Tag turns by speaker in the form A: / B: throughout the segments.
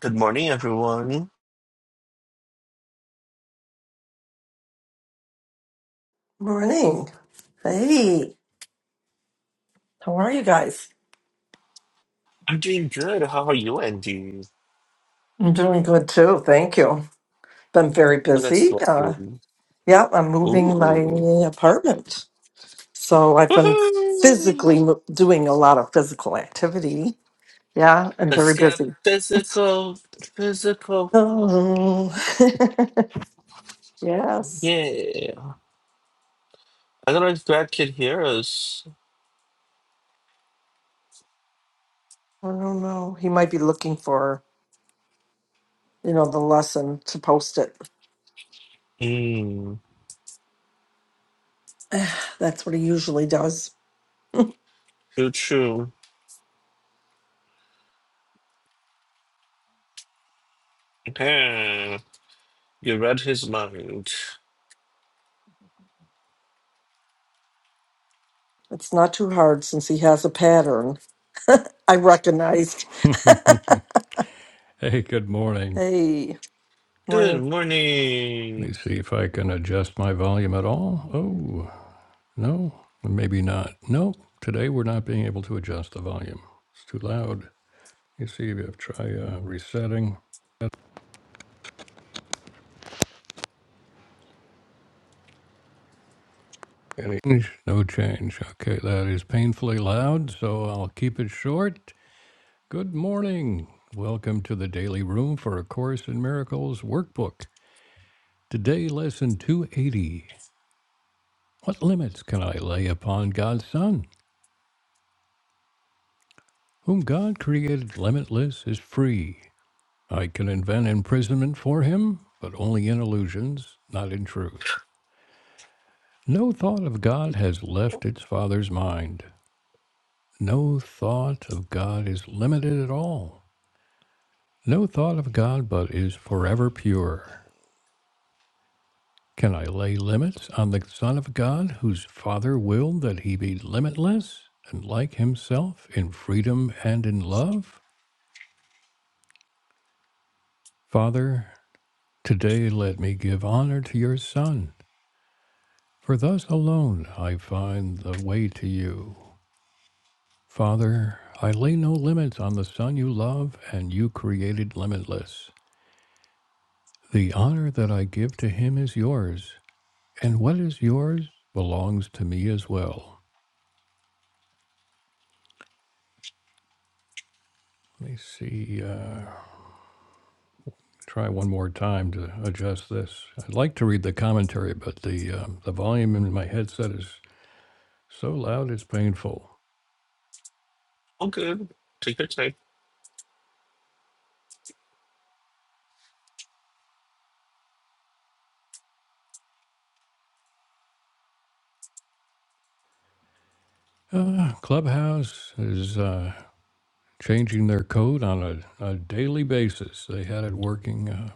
A: Good morning, everyone.
B: Morning. Hey, how are you guys?
A: I'm doing good. How are you, Andy?
B: I'm doing good too. Thank you. Been very
A: Oh, that's
B: busy. Uh,
A: lovely.
B: yeah, I'm moving my
A: Ooh.
B: apartment. So I've been
A: Woohoo!
B: physically mo- doing a lot of physical activity. Yeah, I'm very
A: Let's get
B: busy.
A: physical. Physical.
B: Oh, yes.
A: Yeah. I don't know if Brad can hear us.
B: I don't know. He might be looking for, you know, the lesson to post it.
A: Hmm.
B: That's what he usually does.
A: True, true. Yeah. You read his mind.
B: It's not too hard since he has a pattern. I recognized.
C: hey, good morning.
B: Hey.
A: Good
B: Morning.
C: Let me
A: morning.
C: see if I can adjust my volume at all. Oh, no, maybe not. Nope, today we're not being able to adjust the volume. It's too loud. You see, if you try uh, resetting, any change? no change. Okay, that is painfully loud, so I'll keep it short. Good morning. Welcome to the Daily Room for A Course in Miracles workbook. Today, lesson 280. What limits can I lay upon God's Son? Whom God created limitless is free. I can invent imprisonment for him, but only in illusions, not in truth. No thought of God has left its Father's mind. No thought of God is limited at all. No thought of God but is forever pure. Can I lay limits on the Son of God, whose Father willed that he be limitless and like himself in freedom and in love? Father, Today let me give honor to your Son, for thus alone I find the way to you. Father, I lay no limits on the Son you love and you created limitless. The honor that I give to him is yours, and what is yours belongs to me as well. Let me see. Uh, try one more time to adjust this. I'd like to read the commentary, but the um, the volume in my headset is so loud it's painful.
A: All good. Take your time.
C: Uh, Clubhouse is uh, changing their code on a, a daily basis. They had it working uh,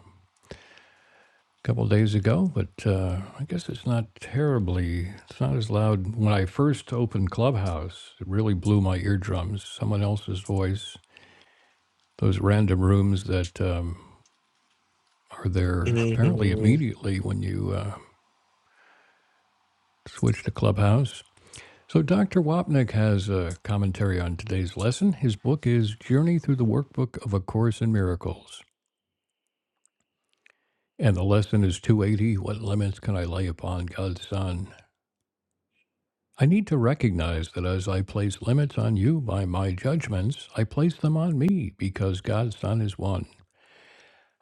C: a couple days ago, but uh, I guess it's not terribly, it's not as loud. When I first opened Clubhouse, it really blew my eardrums. Someone else's voice, those random rooms that um, are there apparently
A: hmm
C: immediately when you uh, switch to Clubhouse. So, Dr. Wapnick has a commentary on today's lesson. His book is Journey Through the Workbook of A Course in Miracles. And the lesson is 280 What Limits Can I Lay Upon God's Son? I need to recognize that as I place limits on you by my judgments, I place them on me because God's Son is one.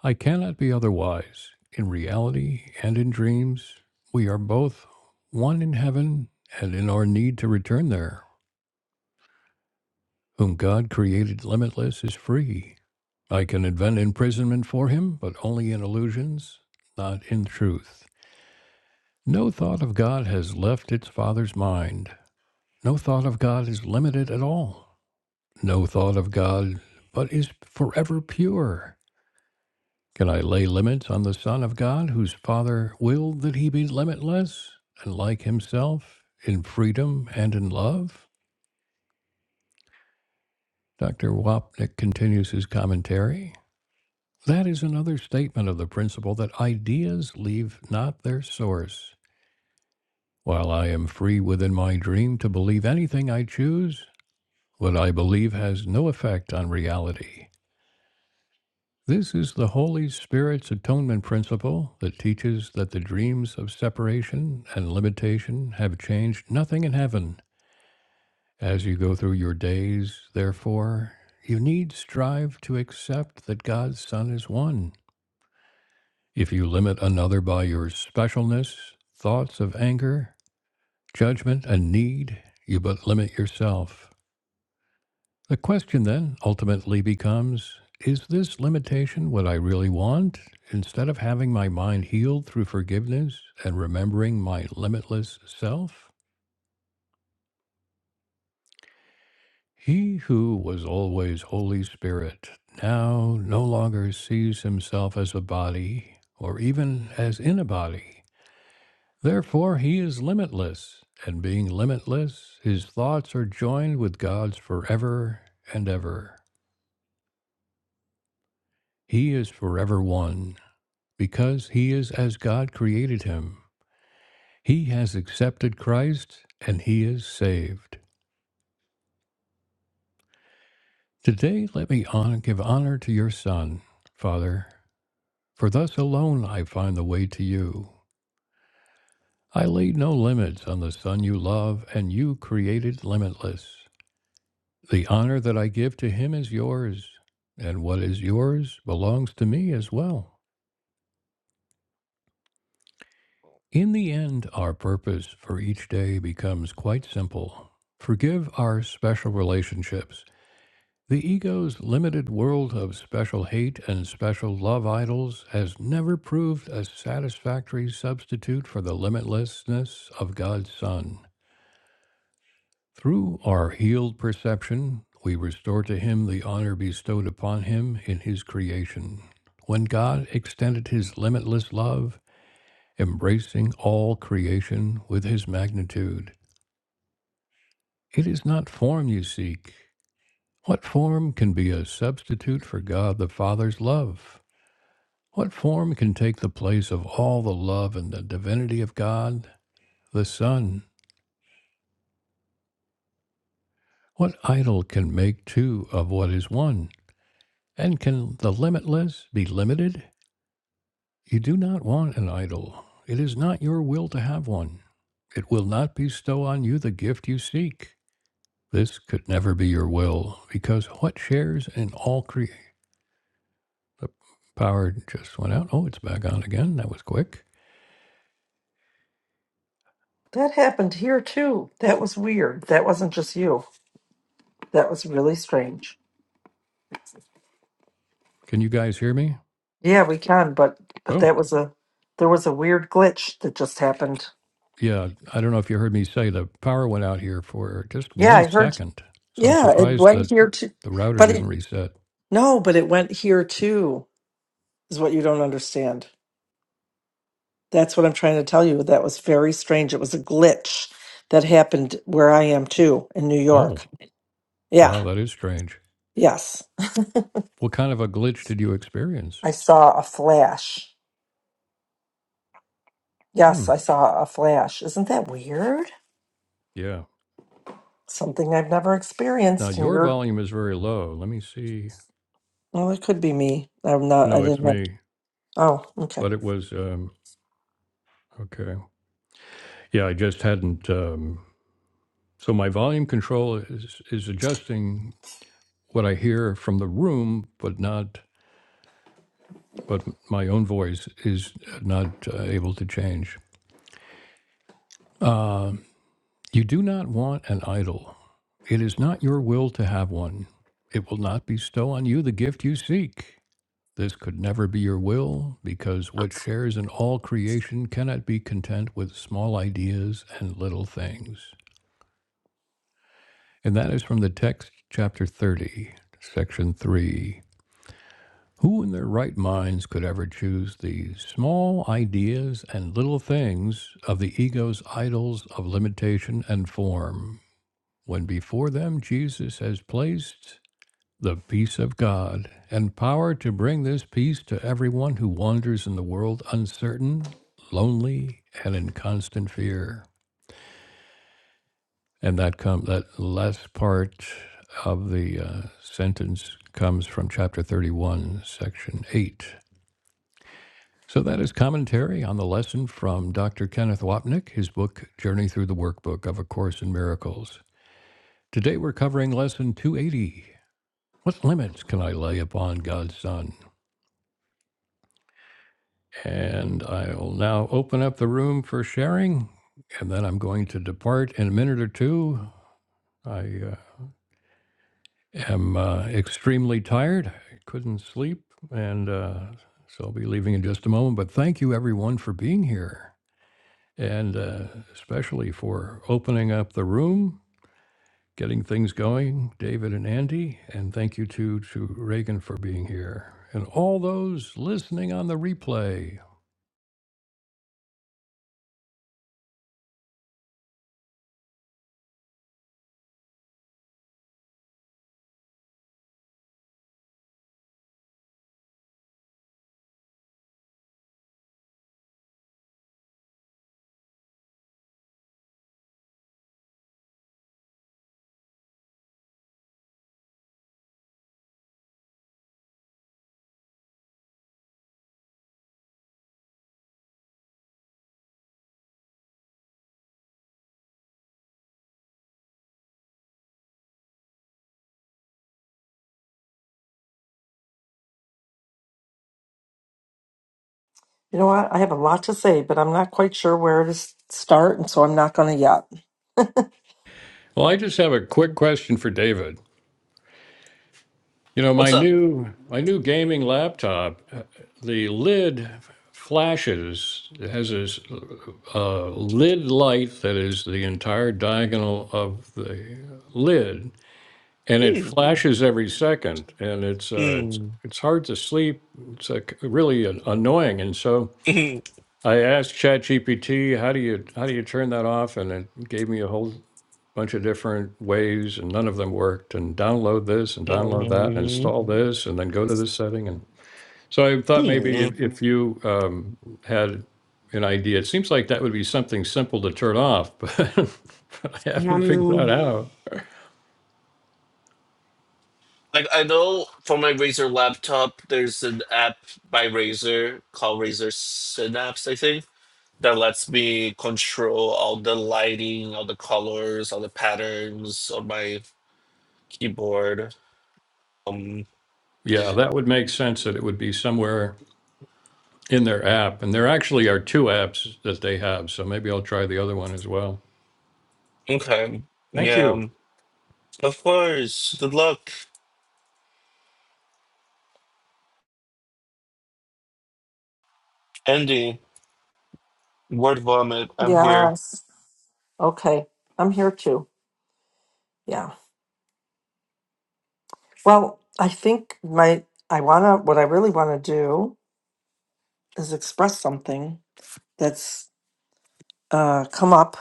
C: I cannot be otherwise. In reality and in dreams, we are both one in heaven and in our need to return there. Whom God created limitless is free I can invent imprisonment for him, but only in illusions, not in truth. No thought of God has left its Father's mind. No thought of God is limited at all. No thought of God, but is forever pure. Can I lay limits on the Son of God, whose Father willed that he be limitless and like himself in freedom and in love? Dr. Wapnick continues his commentary. That is another statement of the principle that ideas leave not their source. While I am free within my dream to believe anything I choose, what I believe has no effect on reality. This is the Holy Spirit's atonement principle that teaches that the dreams of separation and limitation have changed nothing in heaven. As you go through your days, therefore, you need strive to accept that God's Son is one If you limit another by your specialness, thoughts of anger, judgment, and need, you but limit yourself. The question then ultimately becomes Is this limitation what I really want? Instead of having my mind healed through forgiveness and remembering my limitless self? He who was always Holy Spirit now no longer sees himself as a body or even as in a body. Therefore, he is limitless, and being limitless, his thoughts are joined with God's forever and ever. He is forever one, because he is as God created him. He has accepted Christ, and he is saved. Today, let me hon- give honor to your Son, Father, for thus alone I find the way to you. I laid no limits on the Son you love, and you created limitless. The honor that I give to him is yours, and what is yours belongs to me as well. In the end, our purpose for each day becomes quite simple forgive our special relationships. The ego's limited world of special hate and special love idols has never proved a satisfactory substitute for the limitlessness of God's Son. Through our healed perception, we restore to him the honor bestowed upon him in his creation. When God extended his limitless love, embracing all creation with his magnitude, it is not form you seek. What form can be a substitute for God the Father's love? What form can take the place of all the love and the divinity of God, the Son? What idol can make two of what is one? And can the limitless be limited? You do not want an idol. It is not your will to have one. It will not bestow on you the gift you seek. This could never be your will, because what shares in all creation? The power just went out. Oh, it's back on again. That was quick.
B: That happened here too. That was weird. That wasn't just you. That was really strange.
C: Can you guys hear me?
B: Yeah, we can, but but
C: Oh,
B: that was a there was a weird glitch that just happened.
C: yeah. I don't know if you heard me say the power went out here for just
B: Yeah,
C: one
B: I heard.
C: second. So I'm
B: Yeah, it
C: surprised
B: went
C: that
B: here too.
C: the router
B: But
C: didn't
B: it
C: reset.
B: no, but it went here too. Is what you don't understand. That's what I'm trying to tell you. That was very strange. It was a glitch that happened where I am too in New York.
C: Oh,
B: Yeah.
C: wow, that is strange.
B: Yes.
C: What kind of a glitch did you experience?
B: I saw a flash. Yes,
C: Hmm.
B: I saw a flash. Isn't that weird?
C: Yeah.
B: Something I've never
C: Now
B: experienced, and
C: your
B: you're
C: volume is very low. Let me see.
B: well, it could be me. I'm not. I
C: No, it's
B: didn't have.
C: me.
B: Oh, okay.
C: But it was um okay. Yeah, I just hadn't um so my volume control is is adjusting what I hear from the room, but not but my own voice is not uh, able to change. Uh, you do not want an idol. It is not your will to have one. It will not bestow on you the gift you seek. This could never be your will, because what shares in all creation cannot be content with small ideas and little things. And that is from the text, chapter 30, section 3. Who in their right minds could ever choose the small ideas and little things of the ego's idols of limitation and form, when before them Jesus has placed the peace of God, and power to bring this peace to everyone who wanders in the world uncertain, lonely, and in constant fear. And that come that last part of the uh, sentence comes from chapter 31, section 8. So that is commentary on the lesson from Dr. Kenneth Wapnick, his book Journey Through the Workbook of A Course in Miracles. Today we're covering lesson 280. What limits can I lay upon God's Son? And I'll now open up the room for sharing, and then I'm going to depart in a minute or two. I uh, am uh, extremely tired. I couldn't sleep, and uh, so I'll be leaving in just a moment. But thank you, everyone, for being here, and uh, especially for opening up the room, getting things going, David and Andy. And thank you, too, to Reagan for being here, and all those listening on the replay.
B: You know what? I have a lot to say, but I'm not quite sure where to s- start, and so I'm not going to yet.
C: Well, I just have a quick
B: Mm.
C: question for David. You know,
A: What's
C: my
A: up?
C: new my new gaming laptop, uh, the lid flashes. It has this uh, lid light that is the entire diagonal of the lid, and it
A: Hmm.
C: flashes every second, and it's uh, it's
A: Hmm.
C: it's hard to sleep. It's like really an- annoying, and so
A: Hmm.
C: I asked ChatGPT, "How do you how do you turn that off?" And it gave me a whole bunch of different ways and none of them worked and download this and download that and install this and then go to this setting and so i thought maybe
A: Hmm. Hmm.
C: if, if you um, had an idea it seems like that would be something simple to turn off but, but i haven't figured
A: Um,
C: out how
A: Like I know for my Razer laptop, there's an app by Razer called Razer Synapse, I think, that lets me control all the lighting, all the colors, all the patterns on my keyboard. Um,
C: yeah that would make sense that it would be somewhere in their app and there actually are two apps that they have so maybe i'll try the other one as well
A: okay,
C: thank you
A: yeah, of course. Good luck, Andy. Word vomit. I'm here.
B: Yes. Okay. I'm here too. Yeah. Well, I think my I wanna what I really want to do has expressed something that's uh, come up.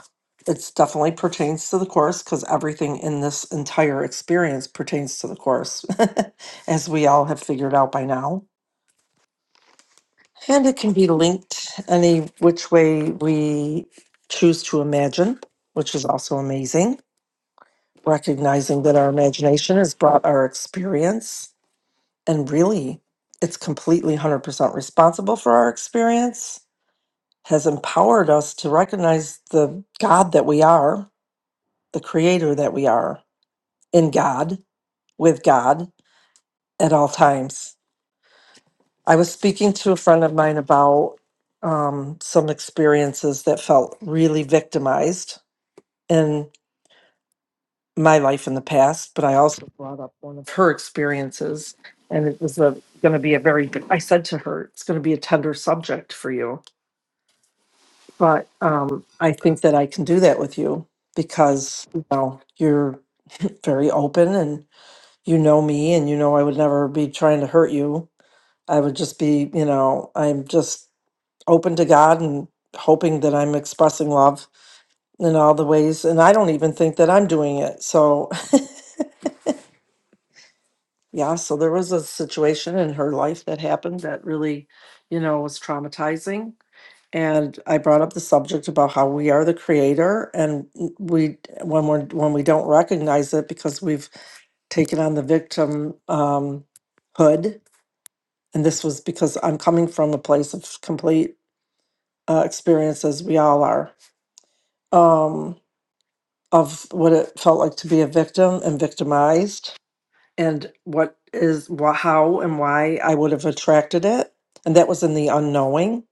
B: It's definitely pertains to the course because everything in this entire experience pertains to the course, as we all have figured out by now. And it can be linked any which way we choose to imagine, which is also amazing. Recognizing that our imagination has brought our experience, and really, it's completely 100% responsible for our experience has empowered us to recognize the God that we are, the creator that we are in God, with God at all times. I was speaking to a friend of mine about um, some experiences that felt really victimized in my life in the past, but I also brought up one of her experiences. And it was going to be a very, I said to her, it's going to be a tender subject for you But um, I think that I can do that with you because you know you're very open and you know me and you know I would never be trying to hurt you. I would just be, you know, I'm just open to God and hoping that I'm expressing love in all the ways. And I don't even think that I'm doing it. So, yeah, so there was a situation in her life that happened that really, you know, was traumatizing and I brought up the subject about how we are the creator and we when we're when we don't recognize it because we've taken on the victim um hood and this was because I'm coming from a place of complete uh, experiences we all are um of what it felt like to be a victim and victimized and what is wha- how and why I would have attracted it and that was in the unknowing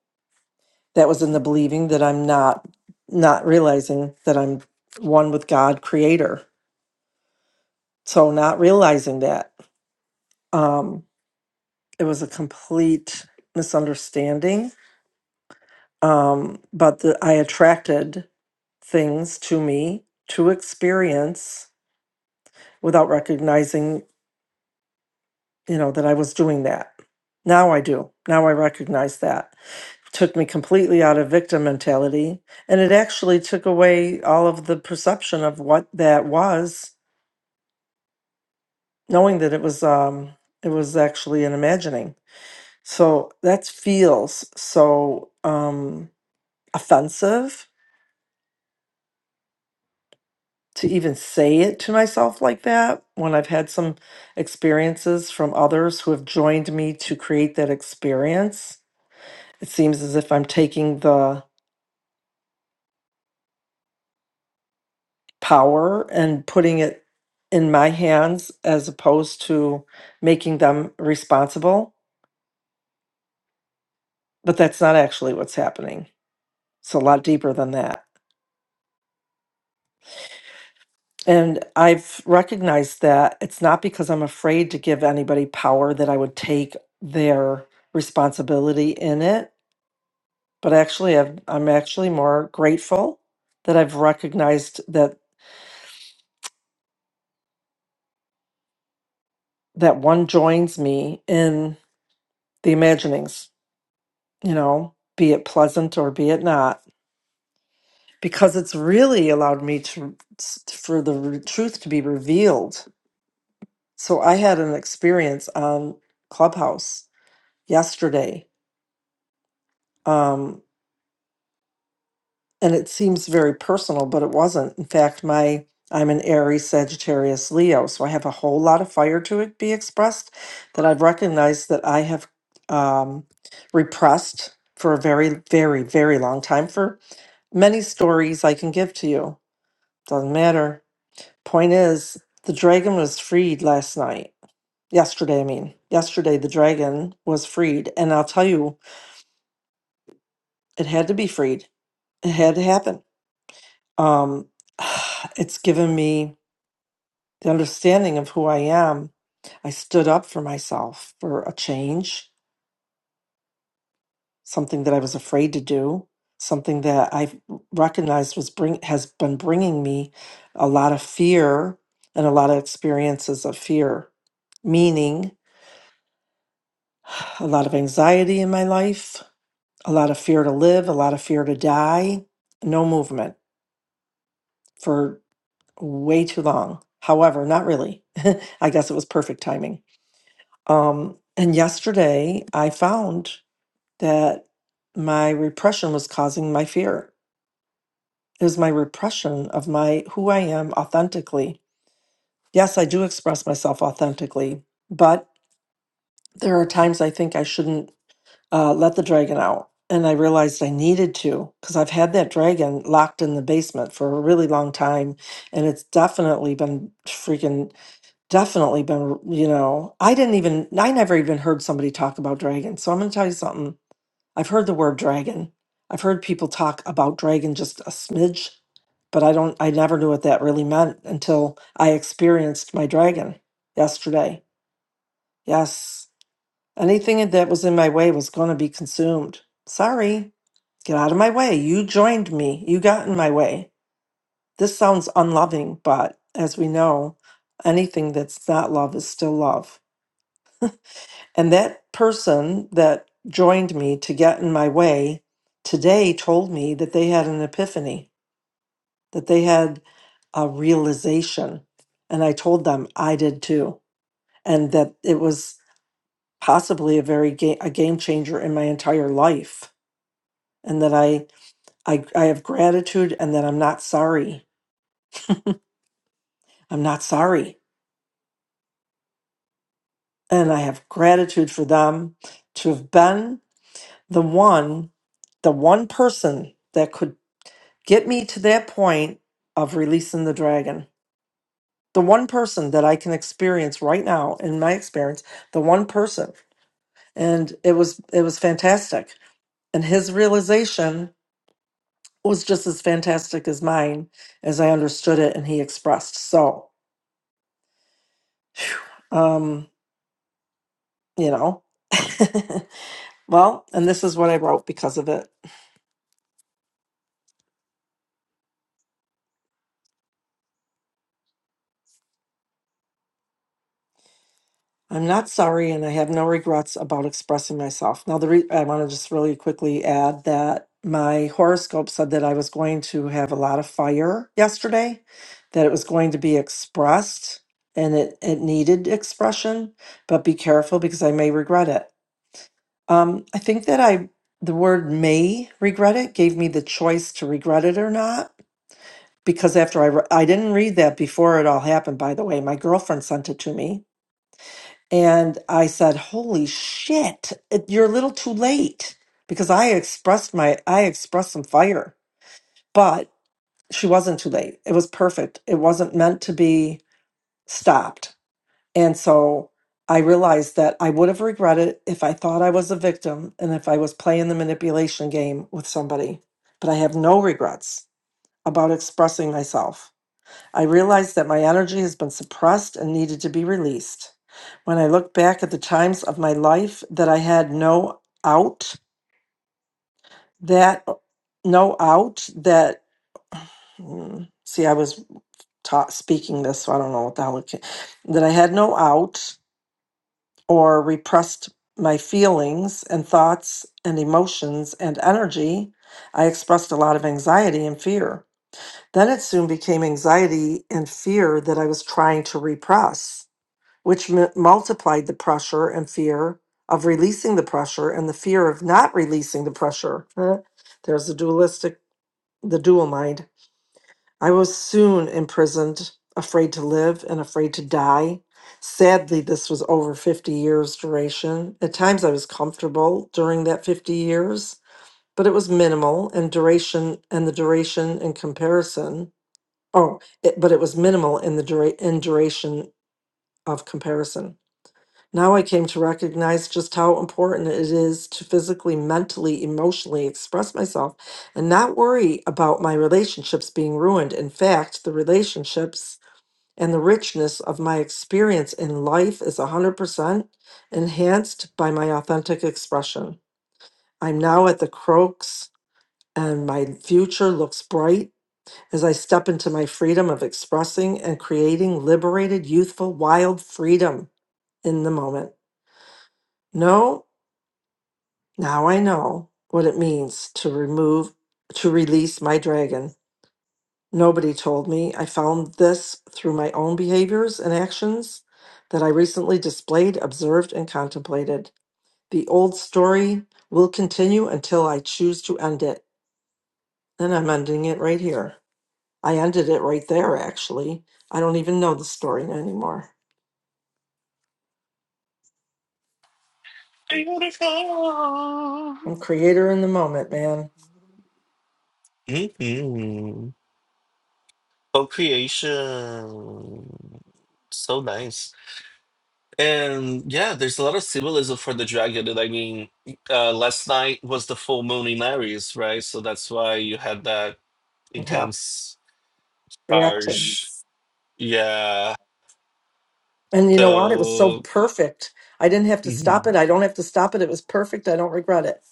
B: that was in the believing that I'm not not realizing that I'm one with God creator. So not realizing that um it was a complete misunderstanding um but the, I attracted things to me to experience without recognizing, you know, that I was doing that. Now I do. Now I recognize that. Took me completely out of victim mentality and it actually took away all of the perception of what that was knowing that it was um it was actually an imagining so that feels so um offensive to even say it to myself like that when i've had some experiences from others who have joined me to create that experience it seems as if i'm taking the power and putting it in my hands as opposed to making them responsible but that's not actually what's happening it's a lot deeper than that And I've recognized that it's not because I'm afraid to give anybody power that I would take their responsibility in it, but actually I've, I'm actually more grateful that I've recognized that that one joins me in the imaginings, you know, be it pleasant or be it not, because it's really allowed me to for the re- truth to be revealed. So I had an experience on Clubhouse yesterday. Um, and it seems very personal, but it wasn't. In fact, my I'm an Aries, Sagittarius, Leo, so I have a whole lot of fire to it be expressed that I've recognized that I have um, repressed for a very, very, very long time. For many stories I can give to you, doesn't matter. Point is, the dragon was freed last night. Yesterday, I mean, yesterday the dragon was freed, and I'll tell you, it had to be freed. It had to happen. Um, it's given me the understanding of who I am, I stood up for myself for a change, something that I was afraid to do, something that I recognized was bring has been bringing me a lot of fear and a lot of experiences of fear, meaning a lot of anxiety in my life, a lot of fear to live, a lot of fear to die, no movement for way too long. However, not really. I guess it was perfect timing Um, and yesterday I found that my repression was causing my fear. It was my repression of my who I am authentically. Yes, I do express myself authentically, but there are times I think I shouldn't uh, let the dragon out. And I realized I needed to because I've had that dragon locked in the basement for a really long time. And it's definitely been freaking definitely been, you know, I didn't even, I never even heard somebody talk about dragons. So I'm going to tell you something. I've heard the word dragon. I've heard people talk about dragon just a smidge, but I don't I never knew what that really meant until I experienced my dragon yesterday. Yes. Anything that was in my way was going to be consumed. Sorry. Get out of my way. You joined me. You got in my way. This sounds unloving, but as we know, anything that's not love is still love. And that person that joined me to get in my way today told me that they had an epiphany, that they had a realization. And I told them I did too. And that it was possibly a very ga- a game changer in my entire life. And that I, I, I have gratitude and that I'm not sorry. I'm not sorry. And I have gratitude for them to have been the one the one person that could Get me to that point of releasing the dragon. The one person that I can experience right now in my experience, the one person. And it was it was fantastic. And his realization was just as fantastic as mine as I understood it and he expressed. So um, you know. well, and this is what I wrote because of it. I'm not sorry and I have no regrets about expressing myself. Now, the re- I want to just really quickly add that my horoscope said that I was going to have a lot of fire yesterday, that it was going to be expressed and it, it needed expression, but be careful because I may regret it. Um, I think that I, the word may regret it gave me the choice to regret it or not. Because after I, re- I didn't read that before it all happened, by the way. My girlfriend sent it to me and I said, "Holy shit, it- you're a little too late," because I expressed my I expressed some fire, but she wasn't too late. It was perfect. It wasn't meant to be stopped. And so I realized that I would have regretted it if I thought I was a victim and if I was playing the manipulation game with somebody. But I have no regrets about expressing myself I realized that my energy has been suppressed and needed to be released. When I look back at the times of my life that I had no out, that no out, that hmm, see, I was taught speaking this, so I don't know what the hell it came, that I had no out or repressed my feelings and thoughts and emotions and energy. I expressed a lot of anxiety and fear. Then it soon became anxiety and fear that I was trying to repress. which m- multiplied the pressure and fear of releasing the pressure and the fear of not releasing the pressure. Huh? There's the dualistic, the dual mind. I was soon imprisoned, afraid to live and afraid to die. Sadly, this was over 50 years' duration. At times, I was comfortable during that 50 years, but it was minimal and duration, and the duration in comparison. Oh, it, but it was minimal in the dura- in duration of comparison. Now I came to recognize just how important it is to physically, mentally, emotionally express myself and not worry about my relationships being ruined. In fact, the relationships and the richness of my experience in life is 100% enhanced by my authentic expression. I'm now at the crux and my future looks bright as I step into my freedom of expressing and creating liberated, youthful, wild freedom in the moment. No Now I know what it means to remove, to release my dragon. Nobody told me. I found this through my own behaviors and actions that I recently displayed, observed, and contemplated. The old story will continue until I choose to end it. And I'm ending it right here. I ended it right there, actually. I don't even know the story anymore.
A: Beautiful.
B: I'm creator in the moment, man.
A: Mm-hmm. Co-creation. So nice. And yeah, there's a lot of symbolism for the dragon. And I mean, uh, last night was the full moon in Aries, right? So that's why you had that
B: Yeah,
A: intense charge.
B: reactions.
A: Yeah.
B: And you know what? It was so
A: So
B: perfect. I didn't have to stop
A: mhm.
B: it. I don't have to stop it. It was perfect. I don't regret it.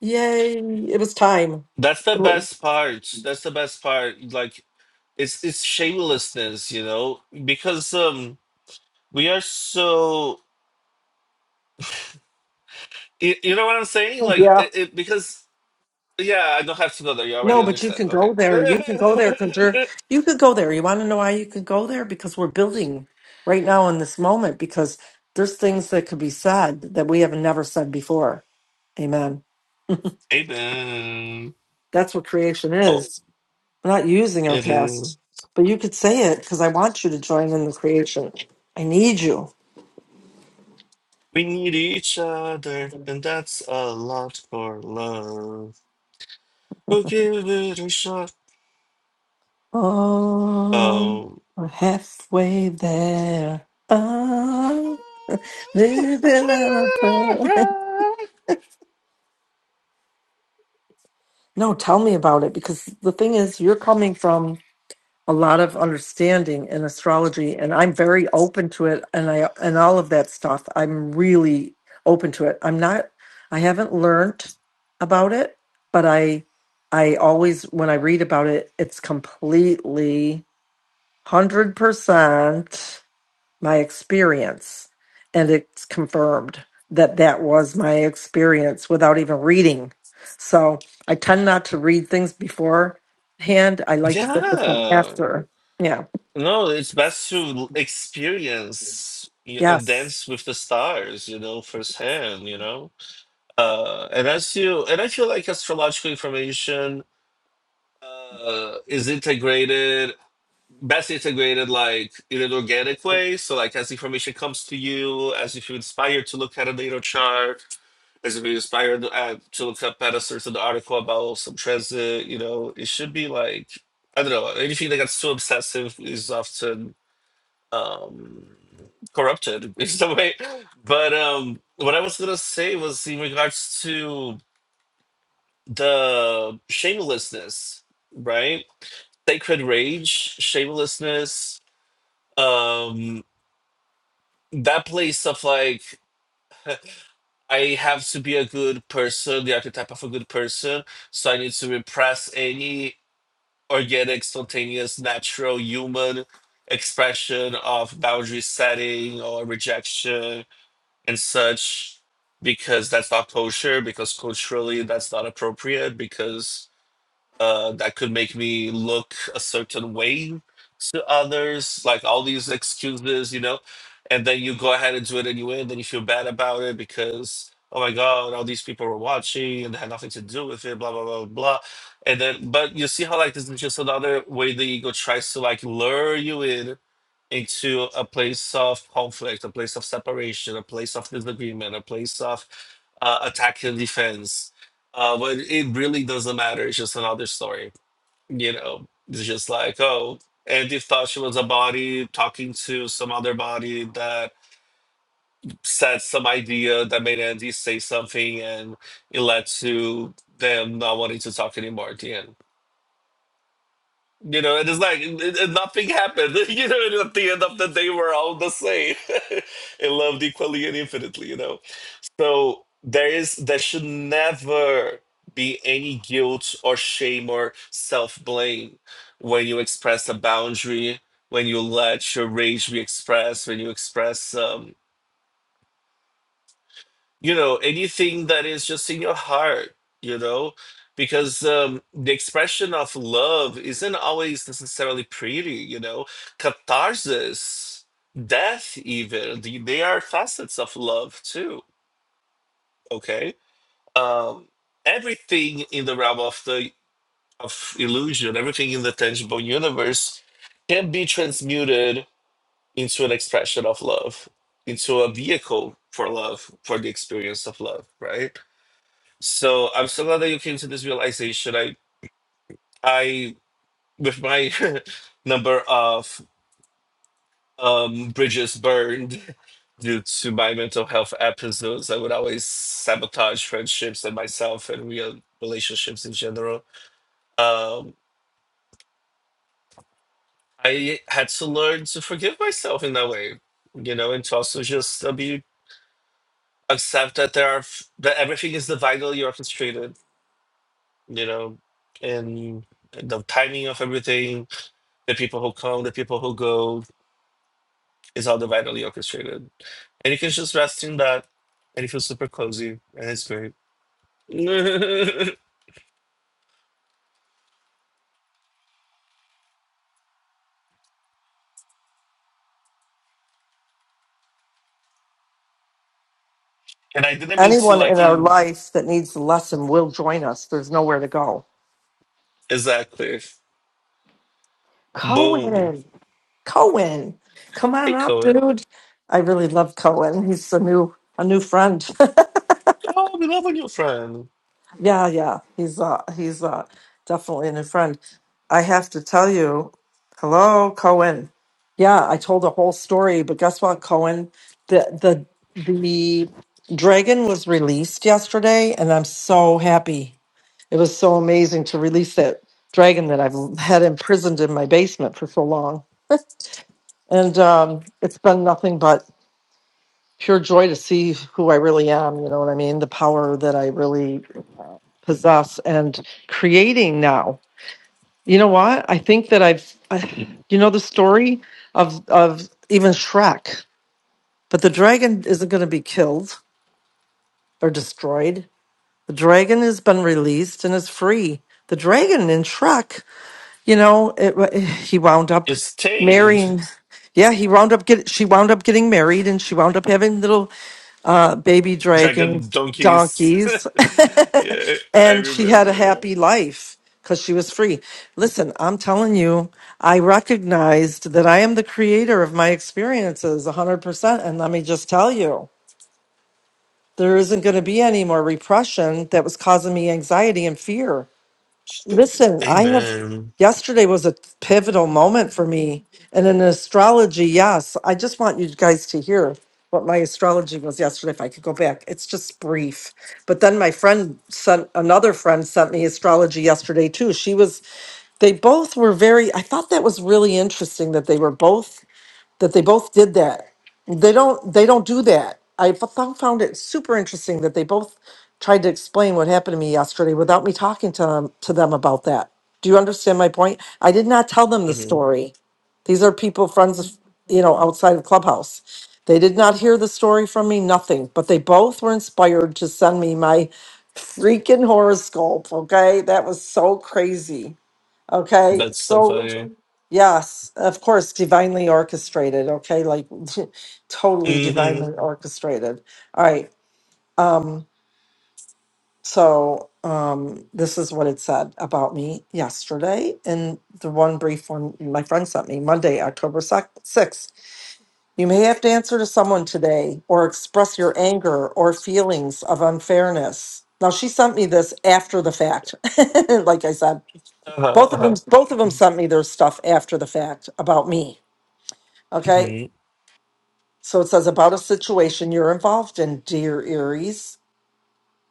B: Yay. It was time.
A: that's the
B: It was-
A: best part. That's the best part. Like, it's it's shamelessness, you know, because um we are so you, you know what I'm saying? Like,
B: yeah.
A: it, it, because yeah, I don't have to go there. You already
B: No, but you
A: understand.
B: can
A: Okay.
B: go there. You can go there because you're, you could go there. You want to know why you could go there? Because we're building right now in this moment because there's things that could be said that we have never said before. Amen.
A: Amen.
B: That's what creation
A: Oh,
B: is. We're not using our
A: they
B: past, but you could say it because I want you to join in the creation. I need you.
A: We need each other, and that's a lot for love. We'll give it a shot.
B: Oh,
A: Um,
B: we're halfway there. Ah, living on a prayer. No, tell me about it because the thing is, you're coming from a lot of understanding in astrology, and I'm very open to it, and I and all of that stuff. I'm really open to it. I'm not. I haven't learned about it, but I, I always when I read about it, it's completely hundred percent my experience. And it's confirmed that that was my experience without even reading. So I tend not to read things beforehand. I like to look at them
A: yeah.
B: after. Yeah.
A: No, it's best to experience y- and
B: Yes.
A: dance with the stars, you know, firsthand, you know. Uh, and as you, and I feel like astrological information uh, is integrated best integrated like in an organic way. So like as information comes to you, as if you're inspired to look at a natal chart, as if you're inspired uh, to look up at a certain article about some transit, you know, it should be like I don't know anything that gets too obsessive is often um, corrupted in some way. But um, what I was gonna say was in regards to the shamelessness, right? Sacred rage, shamelessness, um that place of like I have to be a good person, the archetype of a good person, so I need to repress any organic, spontaneous, natural human expression of boundary setting or rejection and such because that's not kosher, because culturally that's not appropriate, because uh, that could make me look a certain way to others, like all these excuses, you know. And then you go ahead and do it anyway, and then you feel bad about it because, oh my God, all these people were watching and had nothing to do with it, blah, blah, blah, blah. And then, but you see how, like, this is just another way the ego tries to, like, lure you in into a place of conflict, a place of separation, a place of disagreement, a place of uh, attack and defense. Uh, but it really doesn't matter. It's just another story. You know, it's just like, oh, Andy thought she was a body talking to some other body that said some idea that made Andy say something, and it led to them not wanting to talk anymore at the end. You know, and it's like it, it- nothing happened. You know, and at the end of the day, we're all the same and loved equally and infinitely. You know, so there is there should never be any guilt or shame or self blame when you express a boundary, when you let your rage be expressed, when you express. um, you know anything that is just in your heart you know because um, the expression of love isn't always necessarily pretty you know catharsis death even the- they are facets of love too okay um, everything in the realm of the of illusion everything in the tangible universe can be transmuted into an expression of love into a vehicle for love for the experience of love right so I'm so glad that you came to this realization. I, I, with my number of um, bridges burned due to my mental health episodes, I would always sabotage friendships and myself and real relationships in general. Um, I had to learn to forgive myself in that way, you know, and to also just uh, be accept that there are f- that everything is divinely orchestrated, you know, and the timing of everything the people who come, the people who go, is all divinely orchestrated. And you can just rest in that and it feels super cozy and it's great. and I didn't mean to
B: Anyone in
A: like
B: our
A: you
B: life that needs a lesson will join us. There's nowhere to go.
A: exactly. Boom.
B: Cohen. Cohen. Come on
A: Hey
B: up,
A: Cohen.
B: dude. I really love Cohen. He's a new a new friend.
A: Oh, we love a new friend.
B: Yeah, yeah. He's uh he's uh definitely a new friend. I have to tell you, hello, Cohen. Yeah, I told a whole story, but guess what, Cohen? The the the dragon was released yesterday and I'm so happy. It was so amazing to release that dragon that I've had imprisoned in my basement for so long. And um it's been nothing but pure joy to see who I really am, you know what I mean? The power that I really possess and creating now. You know what? I think that I've, I, you know, the story of of even Shrek, but the dragon isn't going to be killed or destroyed. The dragon has been released and is free. The dragon in Shrek, you know, it, he wound up
A: It's tamed.
B: marrying. Yeah, he wound up get. She wound up getting married, and she wound up having little uh, baby dragon
A: Dragon donkeys.
B: donkeys,
A: yeah, I
B: and she had a
A: remember.
B: happy life because she was free. Listen, I'm telling you, I recognized that I am the creator of my experiences 100%. And let me just tell you, there isn't going to be any more repression that was causing me anxiety and fear. Listen, I have,
A: Amen.
B: yesterday was a pivotal moment for me. And in astrology, yes, I just want you guys to hear what my astrology was yesterday, if I could go back. It's just brief. But then my friend sent, another friend sent me astrology yesterday too. She was, they both were very, I thought that was really interesting that they were both that they both did that. They don't they don't do that. I f- found it super interesting that they both tried to explain what happened to me yesterday without me talking to them to them about that. Do you understand my point? I did not tell them the
A: hmm
B: story. These are people friends of, you know outside of Clubhouse. They did not hear the story from me, nothing, but they both were inspired to send me my freaking horoscope, okay? That was so crazy. Okay,
A: That's so
B: so
A: funny.
B: yes, of course, divinely orchestrated. Okay, like totally
A: hmm
B: divinely orchestrated. All right. Um, so um, this is what it said about me yesterday in the one brief one my friend sent me Monday, October 6th. You may have to answer to someone today or express your anger or feelings of unfairness. Now, she sent me this after the fact, like I said.
A: Uh-huh,
B: Both of them,
A: uh-huh.
B: both of them sent me their stuff after the fact about me. Okay.
A: hmm
B: So it says about a situation you're involved in, dear Aries.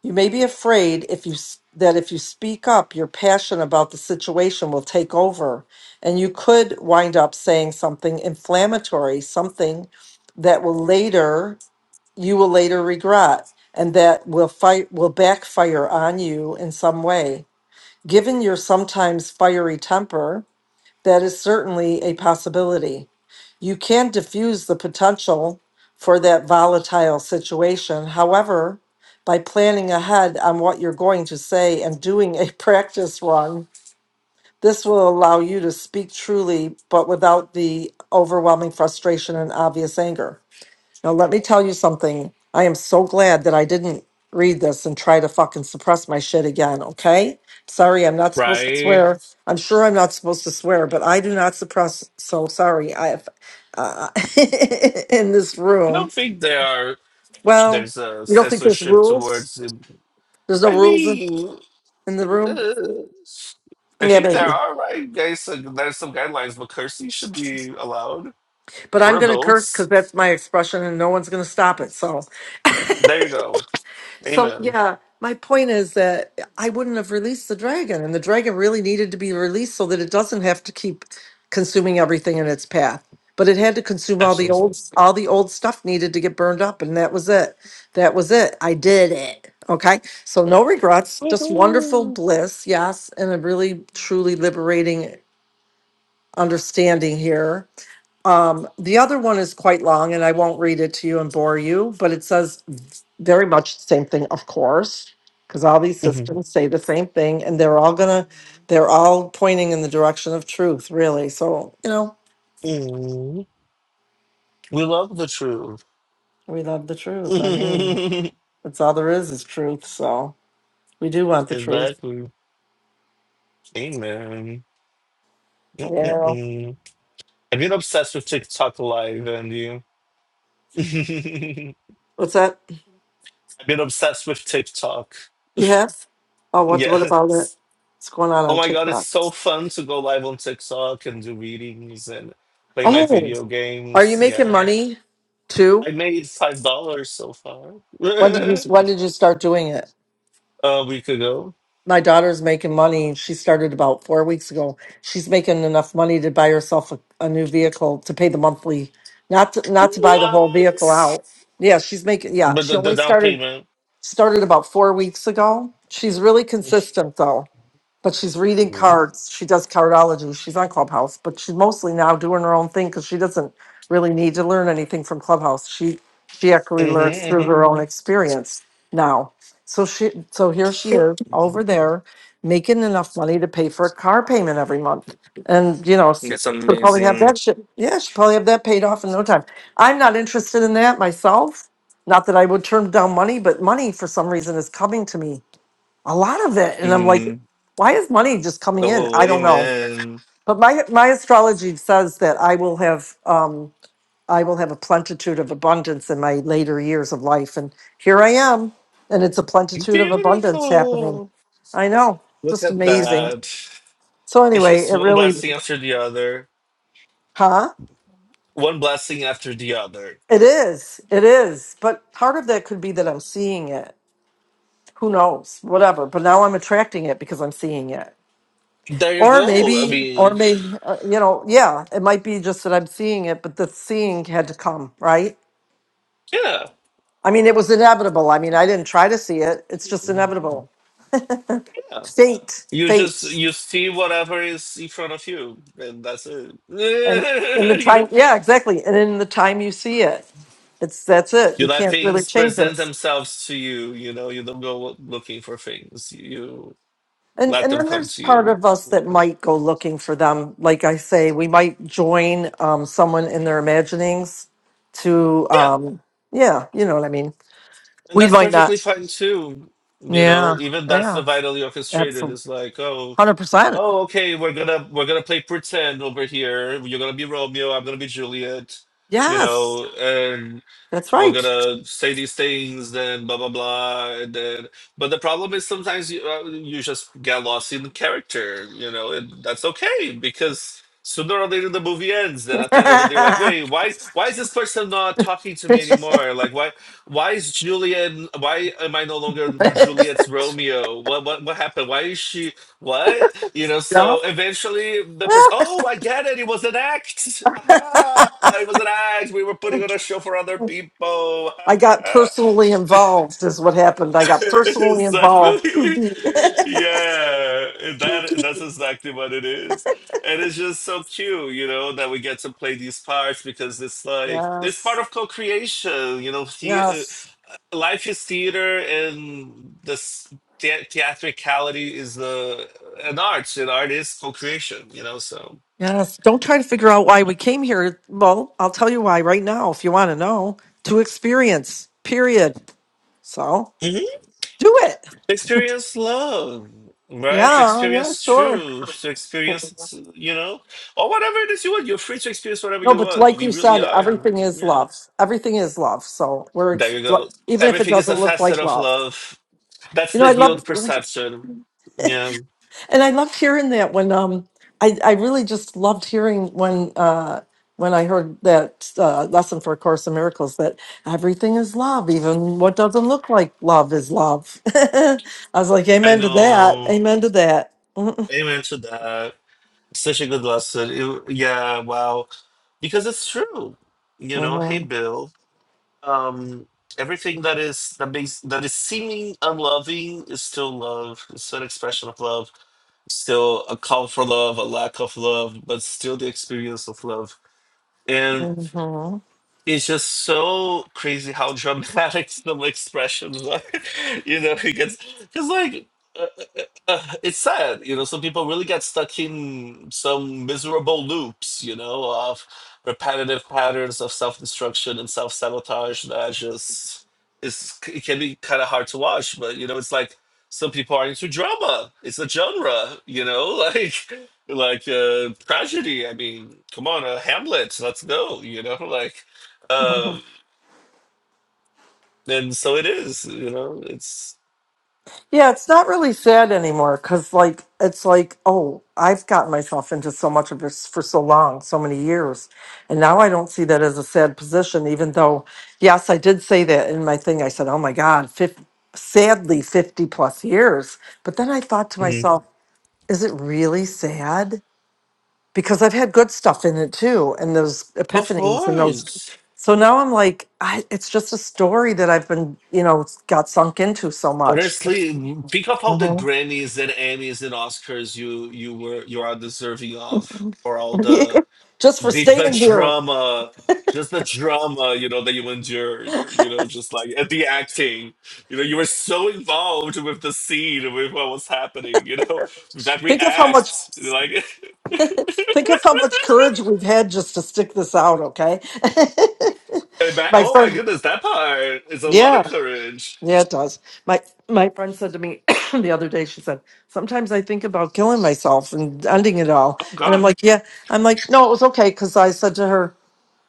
B: You may be afraid if you s- that if you speak up, your passion about the situation will take over, and you could wind up saying something inflammatory, something that will later you will later regret, and that will fight will backfire on you in some way. Given your sometimes fiery temper, That is certainly a possibility. You can diffuse the potential for that volatile situation. However, by planning ahead on what you're going to say and doing a practice run, this will allow you to speak truly, but without the overwhelming frustration and obvious anger. Now, let me tell you something. I am so glad that I didn't read this and try to fucking suppress my shit again, okay? Sorry, I'm not supposed to
A: Right?
B: swear. I'm sure I'm not supposed to swear, but I do not suppress. So sorry. I have, uh, in this
A: I
B: room.
A: don't think they are.
B: Well,
A: There's a
B: you don't think there's
A: censorship
B: rules?
A: towards. it.
B: There's no
A: I
B: rules in,
A: mean,
B: in the room?
A: uh, I
B: Yeah,
A: think there
B: maybe.
A: are right guys. uh, There's some guidelines, but cursing should be allowed.
B: But
A: We're
B: I'm going to curse
A: adults.
B: because that's my expression and no one's going to stop it. So.
A: There you go.
B: So
A: Amen.
B: yeah, my point is that I wouldn't have released the dragon, and the dragon really needed to be released so that it doesn't have to keep consuming everything in its path. But it had to consume all the
A: Absolutely.
B: old all the old stuff needed to get burned up, and that was it. That was it. I did it. Okay. So no regrets, just wonderful
A: Woohoo.
B: bliss, yes, and a really truly liberating understanding here um, the other one is quite long and I won't read it to you and bore you, but it says very much the same thing, of course, because all these
A: Mhm.
B: systems say the same thing and they're all gonna, they're all pointing in the direction of truth, really. So, you know,
A: Mhm. We love the truth.
B: we love the truth. I mean, that's all there is is truth. So we do want the truth.
A: exactly. Amen.
B: Yeah.
A: Mm-mm-mm. I've been obsessed with TikTok live, and you.
B: What's that?
A: I've been obsessed with TikTok.
B: You have? Oh, what, what about it?
A: Yes.
B: What's going on
A: Oh
B: on
A: my God, it's
B: TikTok?
A: so fun to go live on TikTok and do readings and play my
B: Oh,
A: video
B: are you
A: games.
B: making
A: Yeah.
B: money too?
A: I made five dollars so far
B: When did you,
A: a
B: when did you start doing it?
A: week ago.
B: My daughter's making money. She started about four weeks ago. She's making enough money to buy herself a, a new vehicle to pay the monthly, not to, not to buy the whole vehicle
A: What?
B: out. Yeah, she's making. Yeah,
A: But
B: she
A: the, the
B: only
A: down
B: started
A: payment.
B: started about four weeks ago. She's really consistent though but she's reading
A: hmm
B: cards. She does cardology. She's on Clubhouse, but she's mostly now doing her own thing because she doesn't really need to learn anything from Clubhouse. She she actually learns through
A: hmm
B: her own experience now. So she so here she is over there making enough money to pay for a car payment every month, and you know. s-
A: It's
B: She'll probably have that
A: amazing.
B: shit. Yeah, she'll probably have that paid off in no time. I'm not interested in that myself. Not that I would turn down money, but money for some reason is coming to me a lot of it and i'm like
A: Mhm.
B: why is money just coming in
A: Oh,
B: i don't know
A: amen.
B: but my my astrology says that i will have um i will have a plenitude of abundance in my later years of life and here i am and it's a plenitude of abundance happening
A: Beautiful.
B: i know
A: Look
B: just
A: at
B: amazing
A: that.
B: so
A: It's
B: anyway
A: just
B: it
A: one
B: really
A: blessing after the other.
B: huh
A: One blessing after the other.
B: it is it is but part of that could be that i'm seeing it who knows whatever but now i'm attracting it because i'm seeing it
A: There you
B: Or
A: go. I
B: maybe, or
A: mean,
B: maybe, uh, you know, yeah, it might be just that I'm seeing it, but the seeing had to come, right?
A: yeah,
B: I mean, it was inevitable. I mean, I didn't try to see it. It's just inevitable.
A: yeah.
B: Fate,
A: You
B: fate.
A: just you see whatever is in front of you, and that's it.
B: And in the
A: you know,
B: time, yeah, exactly. And in the time you see it, it's that's it.
A: you
B: You
A: let
B: can't really
A: things
B: change
A: present
B: it.
A: themselves to you. You know, you don't go looking for things. You
B: And
A: let
B: and
A: them
B: then
A: come
B: there's
A: to
B: part
A: you.
B: of us that
A: Yeah,
B: might go looking for them. Like I say, we might join um, someone in their imaginings to
A: Yeah,
B: um yeah you know what i mean
A: and
B: we
A: that's
B: might not
A: perfectly fine too. You
B: Yeah.
A: know, even that's the
B: Yeah.
A: vitally orchestrated. It's
B: Absolutely.
A: like, oh,
B: 100%.
A: oh, okay, we're gonna we're gonna play pretend over here. You're gonna be Romeo. I'm gonna be Juliet. You
B: Yes.
A: know, and
B: That's
A: we're
B: right.
A: gonna say these things, then blah blah blah, and then. But the problem is sometimes you uh, you just get lost in the character, you know, and that's okay because sooner or later the movie ends. Then at the end of the day, you're like, wait, why why is this person not talking to me anymore? Like, why why is Julian? Why am I no longer Juliet's Romeo? What what what happened? Why is she what? You know.
B: Yup.
A: So eventually the person, oh, I get it. It was an act. Aha! It was an act. We were putting on a show for other people.
B: I got personally involved, is what happened. I got personally involved. too
A: exactly.
B: deep.
A: Yeah. That that's exactly what it is. And it's just so cute, you know, that we get to play these parts because it's like it's part
B: yes.
A: of co-creation, you know, the,
B: Yes.
A: uh, life is theater and this the theatricality is the an art and art is co-creation, you know, so
B: Yes. Don't try to figure out why we came here. Well, I'll tell you why right now if you want to know. To experience, period. So do it.
A: experience love right to
B: Yeah. Yeah,
A: experience
B: sure.
A: truth to experience you know or whatever it is you want you're free to experience whatever
B: No,
A: you
B: but
A: want
B: like
A: we
B: you
A: really
B: said,
A: are
B: everything is
A: yeah
B: love. Everything is love. So we're
A: there
B: ex-
A: you go
B: even if it
A: everything is
B: doesn't
A: a
B: look
A: facet
B: like
A: of
B: love.
A: love that's
B: You know,
A: the
B: I love
A: healed perception yeah
B: and I loved hearing that when um I, I really just loved hearing when uh when I heard that uh, lesson for A Course in Miracles that everything is love, even what doesn't look like love is love. I was like,
A: i
B: Amen to that.
A: know
B: Amen to that.
A: amen to that such a good lesson It- yeah wow because it's true you know hey
B: hmm
A: bill um everything that is that makes that is seeming unloving is still love it's still an expression of love It's still a call for love a lack of love but still the experience of love
B: hmm
A: it's just so crazy how dramatic some expressions are. You know, He gets because like uh, uh, uh, uh, it's sad. You know, some people really get stuck in some miserable loops. You know, of repetitive patterns of self-destruction and self-sabotage that just is it can be kind of hard to watch. But you know, it's like some people are into drama. It's a genre. You know, like like uh, tragedy. I mean, come on, uh, Hamlet. Let's go. You know, like. Um, and so it is, you know, it's
B: Yeah, it's not really sad anymore because, like, it's like, oh, I've gotten myself into so much of this for so long, so many years. And now I don't see that as a sad position, even though, yes, I did say that in my thing. I said, oh my God, fif- sadly, 50 plus years. But then I thought to
A: Mhm.
B: myself, is it really sad? Because I've had good stuff in it too, and those
A: of
B: epiphanies and those.
A: course.
B: So now I'm like, I, it's just a story that I've been, you know, got sunk into so much.
A: Honestly, think of all the Grammys and Emmys and Oscars you you were you are deserving of, for all the
B: just for
A: the, the
B: staying here.
A: drama, just the drama, you know, that you endured, you know, just like at the acting, you know, you were so involved with the scene, with what was happening, you know, that
B: Think of how much
A: react, like,
B: think of how much courage we've had just to stick this out, okay?
A: and that,
B: my
A: oh my
B: friend
A: goodness, that part is a lot
B: Yeah,
A: of courage.
B: yeah it does. My my friend said to me the other day, she said, Sometimes I think about killing myself and ending it all.
A: Oh
B: And I'm
A: God.
B: like, Yeah. I'm like, no, it was okay because I said to her,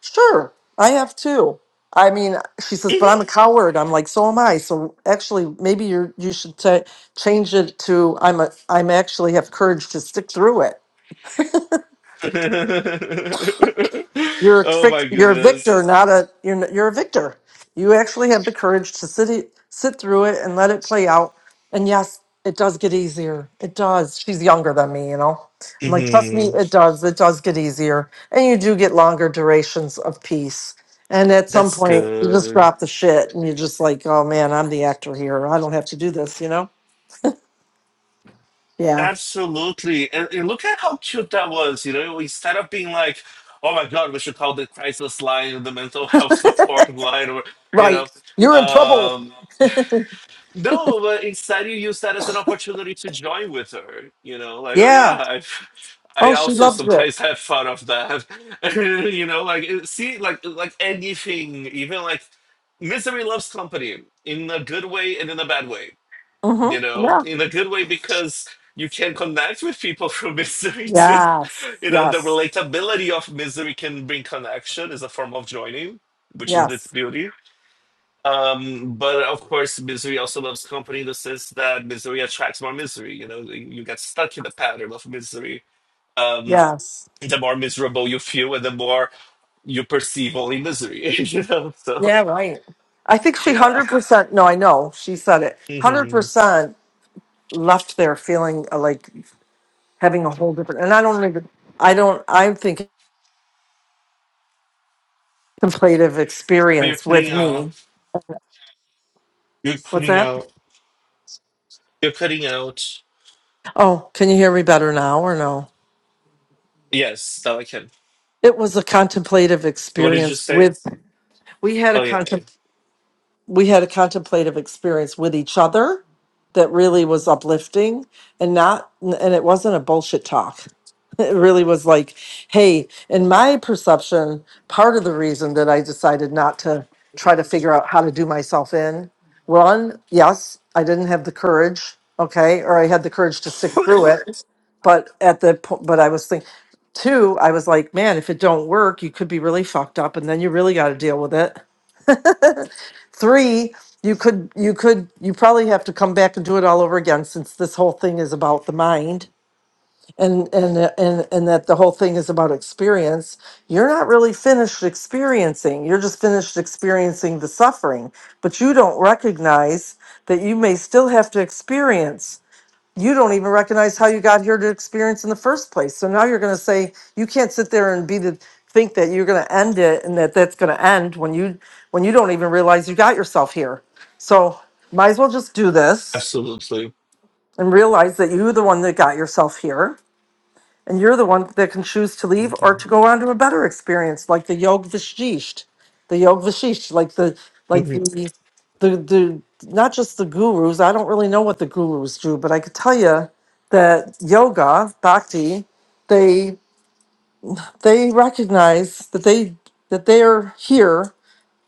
B: Sure, I have too. I mean, she says, but I'm a coward. I'm like, so am I. So actually, maybe you're you should ta change it to I'm a I'm actually have courage to stick through it. You're a
A: oh
B: fic-
A: my
B: you're a
A: goodness.
B: victor, not a you're n- you're a victor. You actually have the courage to sit it, sit through it and let it play out. And yes, it does get easier. It does. She's younger than me, you know. I'm like, trust me,
A: Mhm.
B: it does. It does get easier, and you do get longer durations of peace. And at some
A: That's
B: point, you just
A: good.
B: drop the shit, and you're just like, oh man, I'm the actor here. I don't have to do this, you know. Yeah.
A: Absolutely. And, and look at how cute that was. You know, instead of being like, oh my God, we should call the crisis line the mental health support line or, you
B: Right.
A: know.
B: You're in trouble.
A: um, No, but instead you use that as an opportunity to join with her. You know, like oh
B: Yeah.
A: yeah, I've, I
B: Oh, she
A: also
B: loved it.
A: sometimes have fun of that. you know, like it- see, like like anything, even like misery loves company in a good way and in a bad way. You
B: Mm-hmm.
A: know,
B: Yeah.
A: in a good way because you can connect with people through misery too.
B: Yes.
A: You know, the
B: Yes.
A: relatability of misery can bring connection is a form of joining, which is its
B: Yes.
A: beauty um, but of course, misery also loves company in the sense that misery attracts more misery. You know, you get stuck in the pattern of misery. Um,
B: Yes.
A: the more miserable you feel, and the more you perceive only misery. You know, so
B: Yeah, right. I think she
A: yeah.
B: 100%, no, I know, she said it.
A: hmm
B: 100% left there feeling uh, like having a whole different, and I don't even, I don't, I'm thinking contemplative
A: But you're
B: experience
A: cutting
B: with me.
A: out. You're
B: What's
A: cutting
B: that?
A: out. You're cutting out.
B: Oh, can you hear me better now or no?
A: Yes, now I can.
B: It was a contemplative
A: What did you
B: experience
A: say?
B: with, we had a
A: Oh yeah, yeah.
B: contemplative. we had a contemplative experience with each other that really was uplifting and not and it wasn't a bullshit talk it really was like hey in my perception part of the reason that i decided not to try to figure out how to do myself in one yes i didn't have the courage okay or i had the courage to stick through it but at the po- but i was thinking two i was like man if it don't work you could be really fucked up and then you really got to deal with it Three, you could you could you probably have to come back and do it all over again since this whole thing is about the mind and and and and that the whole thing is about experience. You're not really finished experiencing. You're just finished experiencing the suffering, but you don't recognize that you may still have to experience you don't even recognize how you got here to experience in the first place. So now you're going to say you can't sit there and be the think that you're going to end it and that that's going to end when you when you don't even realize you got yourself here. So might as well just do this
A: absolutely.
B: and realize that you're the one that got yourself here and you're the one that can choose to leave or
A: Mhm.
B: to go on to a better experience, like the Yog Vashisht, the Yog Vashisht, like the like
A: Mhm.
B: the the the not just the gurus. I don't really know what the gurus do, but I could tell you that yoga bhakti, they they recognize that they that they are here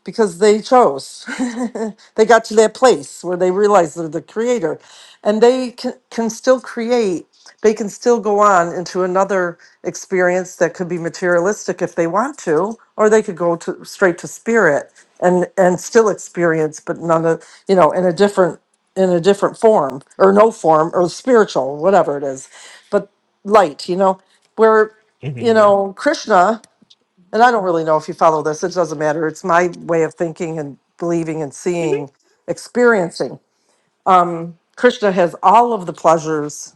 B: because they chose. they got to that place where they realize they're the creator and they can, can still create. They can still go on into another experience that could be materialistic if they want to, or they could go to straight to spirit and and still experience, but none of you know in a different in a different form or no form or spiritual, whatever it is, but light. You know where you
A: Mhm.
B: know Krishna and I don't really know if you follow this, it doesn't matter. It's my way of thinking and believing and
A: Mhm.
B: seeing, experiencing. Krishna has all of the pleasures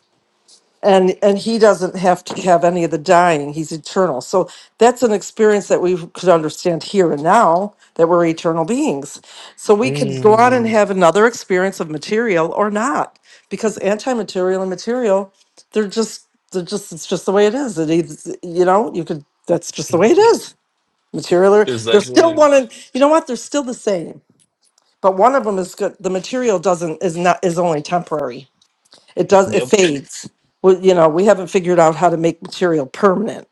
B: and and he doesn't have to have any of the dying. He's eternal. So that's an experience that we could understand here and now that we're eternal beings. So we could go on and have another experience of material or not because anti-material and material they're just they're just it's just the way it is. It is, you know, you could that's just the way it
A: Mhm.
B: is material are- they're still
A: Exactly.
B: one and you know what they're still the same but one of them is good the material doesn't is not is only temporary it does it
A: Yep.
B: fades well you know we haven't figured out how to make material permanent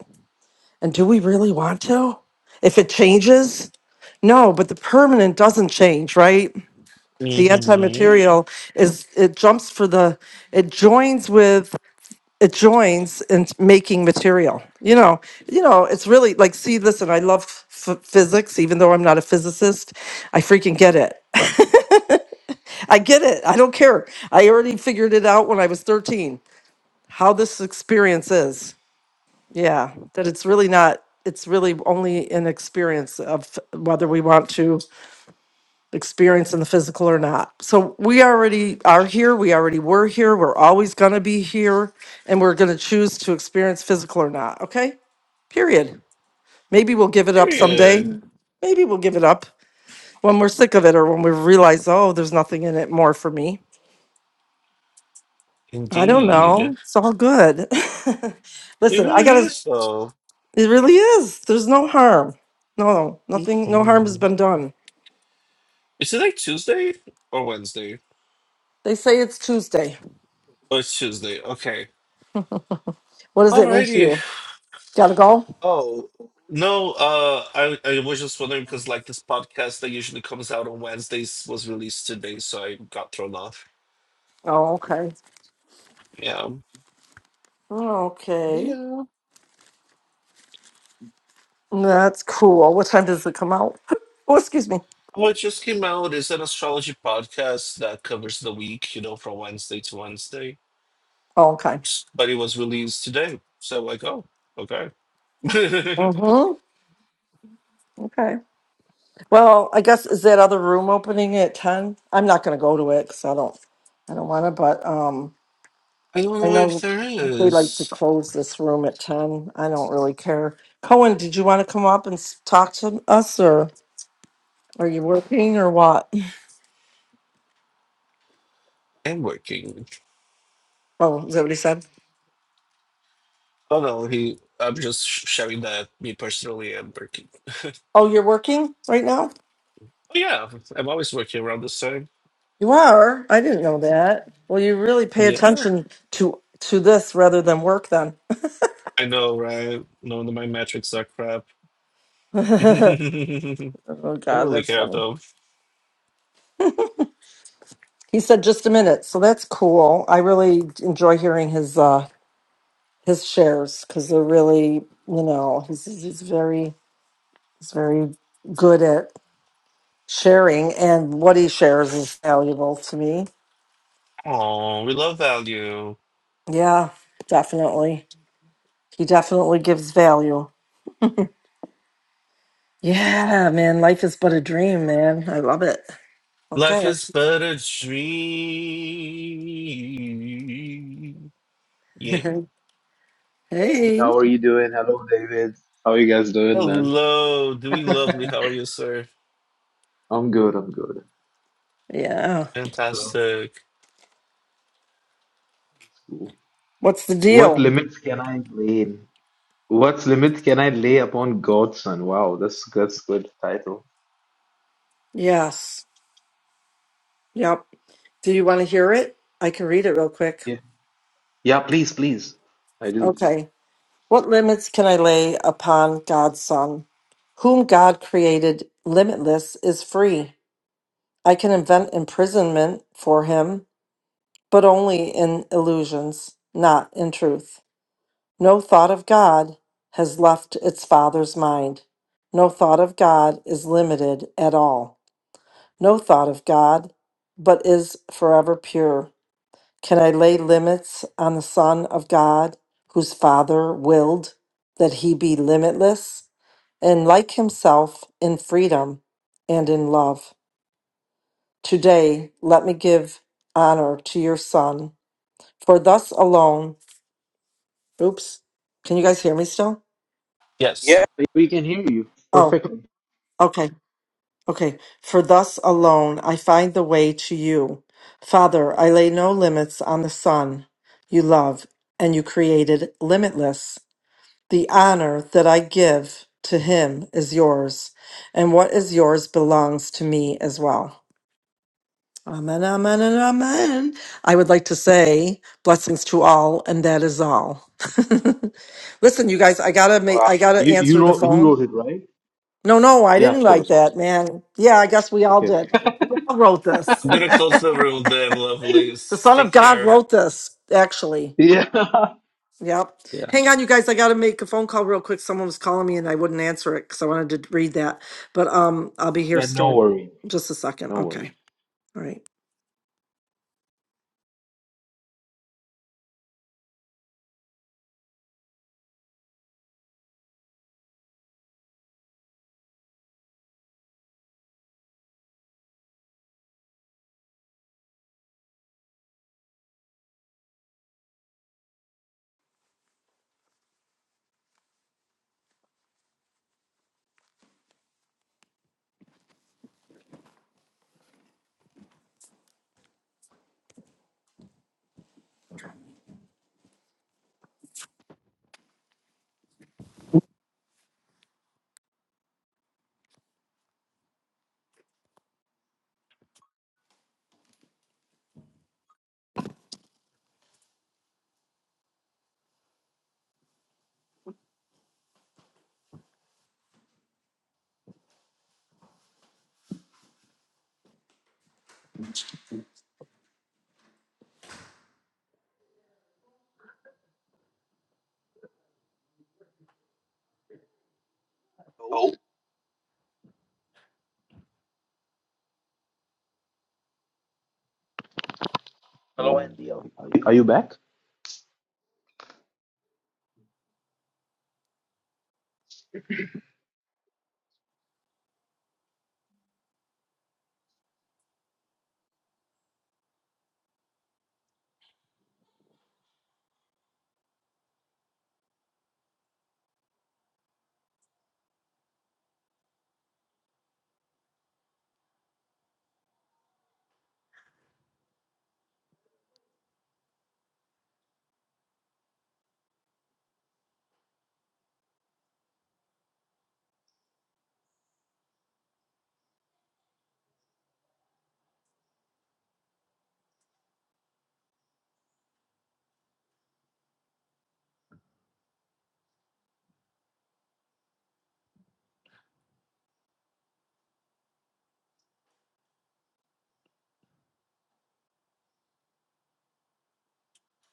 B: and do we really want to if it changes no but the permanent doesn't change right the
A: hmm
B: anti-material is it jumps for the it joins with it joins in making material you know you know it's really like see listen i love f- physics even though i'm not a physicist i freaking get it i get it i don't care i already figured it out when i was 13 how this experience is yeah that it's really not it's really only an experience of whether we want to experience in the physical or not. So we already are here, we already were here, we're always going to be here, and we're going to choose to experience physical or not, okay? Period. Maybe we'll give it up someday.
A: Period.
B: Maybe we'll give it up when we're sick of it or when we realize, oh, there's nothing in it more for me. I don't Mhm.
A: Indeed.
B: know. It's all good.
A: It
B: Listen, I
A: really
B: got to,
A: is though.
B: it really is. There's no harm. No, nothing, no harm has
A: Mhm.
B: been done.
A: Is today Tuesday or Wednesday?
B: They say it's Tuesday.
A: Oh, it's Tuesday. Okay.
B: What does that mean to
A: Alrighty.
B: you? Gotta go?
A: Oh no, uh I, I was just wondering because like this podcast that usually comes out on Wednesdays was released today, so I got thrown off.
B: Oh, okay.
A: Yeah.
B: Oh,
A: But
B: Okay.
A: yeah.
B: That's cool. What time does it come out? Oh, excuse me.
A: What just came out is an astrology podcast that covers the week, you know, from Wednesday to Wednesday.
B: Oh, okay.
A: But it was released today. So like, oh, okay.
B: Mm-hmm. Okay. Well, I guess is that other room opening at ten? I'm not going to go to it because I don't, I don't want to. But um,
A: I don't
B: I
A: know if
B: know
A: there
B: they like to
A: is.
B: close this room at ten. I don't really care. Cohen, did you want to come up and s- talk to us, or are you working or what?
A: I'm working.
B: Oh, is that what he said?
A: Oh no, he. I'm just sh- sharing that me personally. I'm working.
B: Oh, you're working right now?
A: Oh yeah, I'm always working around this time.
B: You are. I didn't know that. Well, you really pay
A: Yeah,
B: attention to to this rather than work then.
A: I know, right? None of my metrics are crap. I
B: oh
A: don't
B: god,
A: really
B: that's
A: care
B: funny.
A: though.
B: He said just a minute. So that's cool. I really enjoy hearing his uh his shares cuz they're really, you know, he's he's very he's very good at sharing and what he shares is valuable to me.
A: Oh, we love value.
B: Yeah, definitely. He definitely gives value. Yeah, man, life is but a dream, man. I love it.
A: Life
B: Okay.
A: is but a dream. Yeah.
B: hey,
D: How are you doing? Hello, David. How are you guys doing, man?
A: Hello, doing lovely. How are you, sir?
D: I'm good. I'm good.
B: yeah.
D: So that's
A: Fantastic.
D: cool.
B: What's the
D: What
B: deal?
D: limits can I lay? What limits can I lay upon God's son? Wow, that's that's good title.
B: Yes. Yep. Do you want to hear it? I can read it real quick.
D: Yeah. Yeah, please, please. I do.
B: Okay. What limits can I lay upon God's Son? Whom God created limitless is free. I can invent imprisonment for him, but only in illusions, not in truth. No thought of God has left its Father's mind. No thought of God is limited at all. no thought of God, but is forever pure. Can I lay limits on the Son of God, whose Father willed that he be limitless, and like himself in freedom and in love? Today, let me give honor to your Son, for thus alone. Oops, can you guys hear me still?
A: Yes.
D: Yeah. We can hear you
B: Oh,
D: perfectly.
B: okay. Okay. For thus alone I find the way to you. Father, I lay no limits on the Son you love, and you created limitless. The honor that I give to him is yours, and what is yours belongs to me as well. Amen, amen, and amen. I would like to say blessings to all, and that is all. Listen, you guys, I gotta make, I gotta
D: You you
B: answer the
D: wrote you
B: phone.
D: wrote it right?
B: No, no, I
D: Yeah,
B: didn't
D: of
B: like
D: course.
B: that, man. Yeah, I guess we all
D: Okay.
B: did. We all wrote this.
A: I'm gonna close the room, damn
B: the
A: lovelies.
B: Son of
A: Take
B: God
A: care.
B: wrote this, actually.
D: Yeah.
B: Yep.
D: Yeah.
B: Hang on, you guys. I got to make a phone call real quick. Someone was calling me and I wouldn't answer it because I wanted to read that. But um, I'll be here
D: Yeah. No
B: still.
D: worry.
B: Just a second.
D: No worry.
B: Okay. All right.
D: Hello, Andy. Are you, are you back?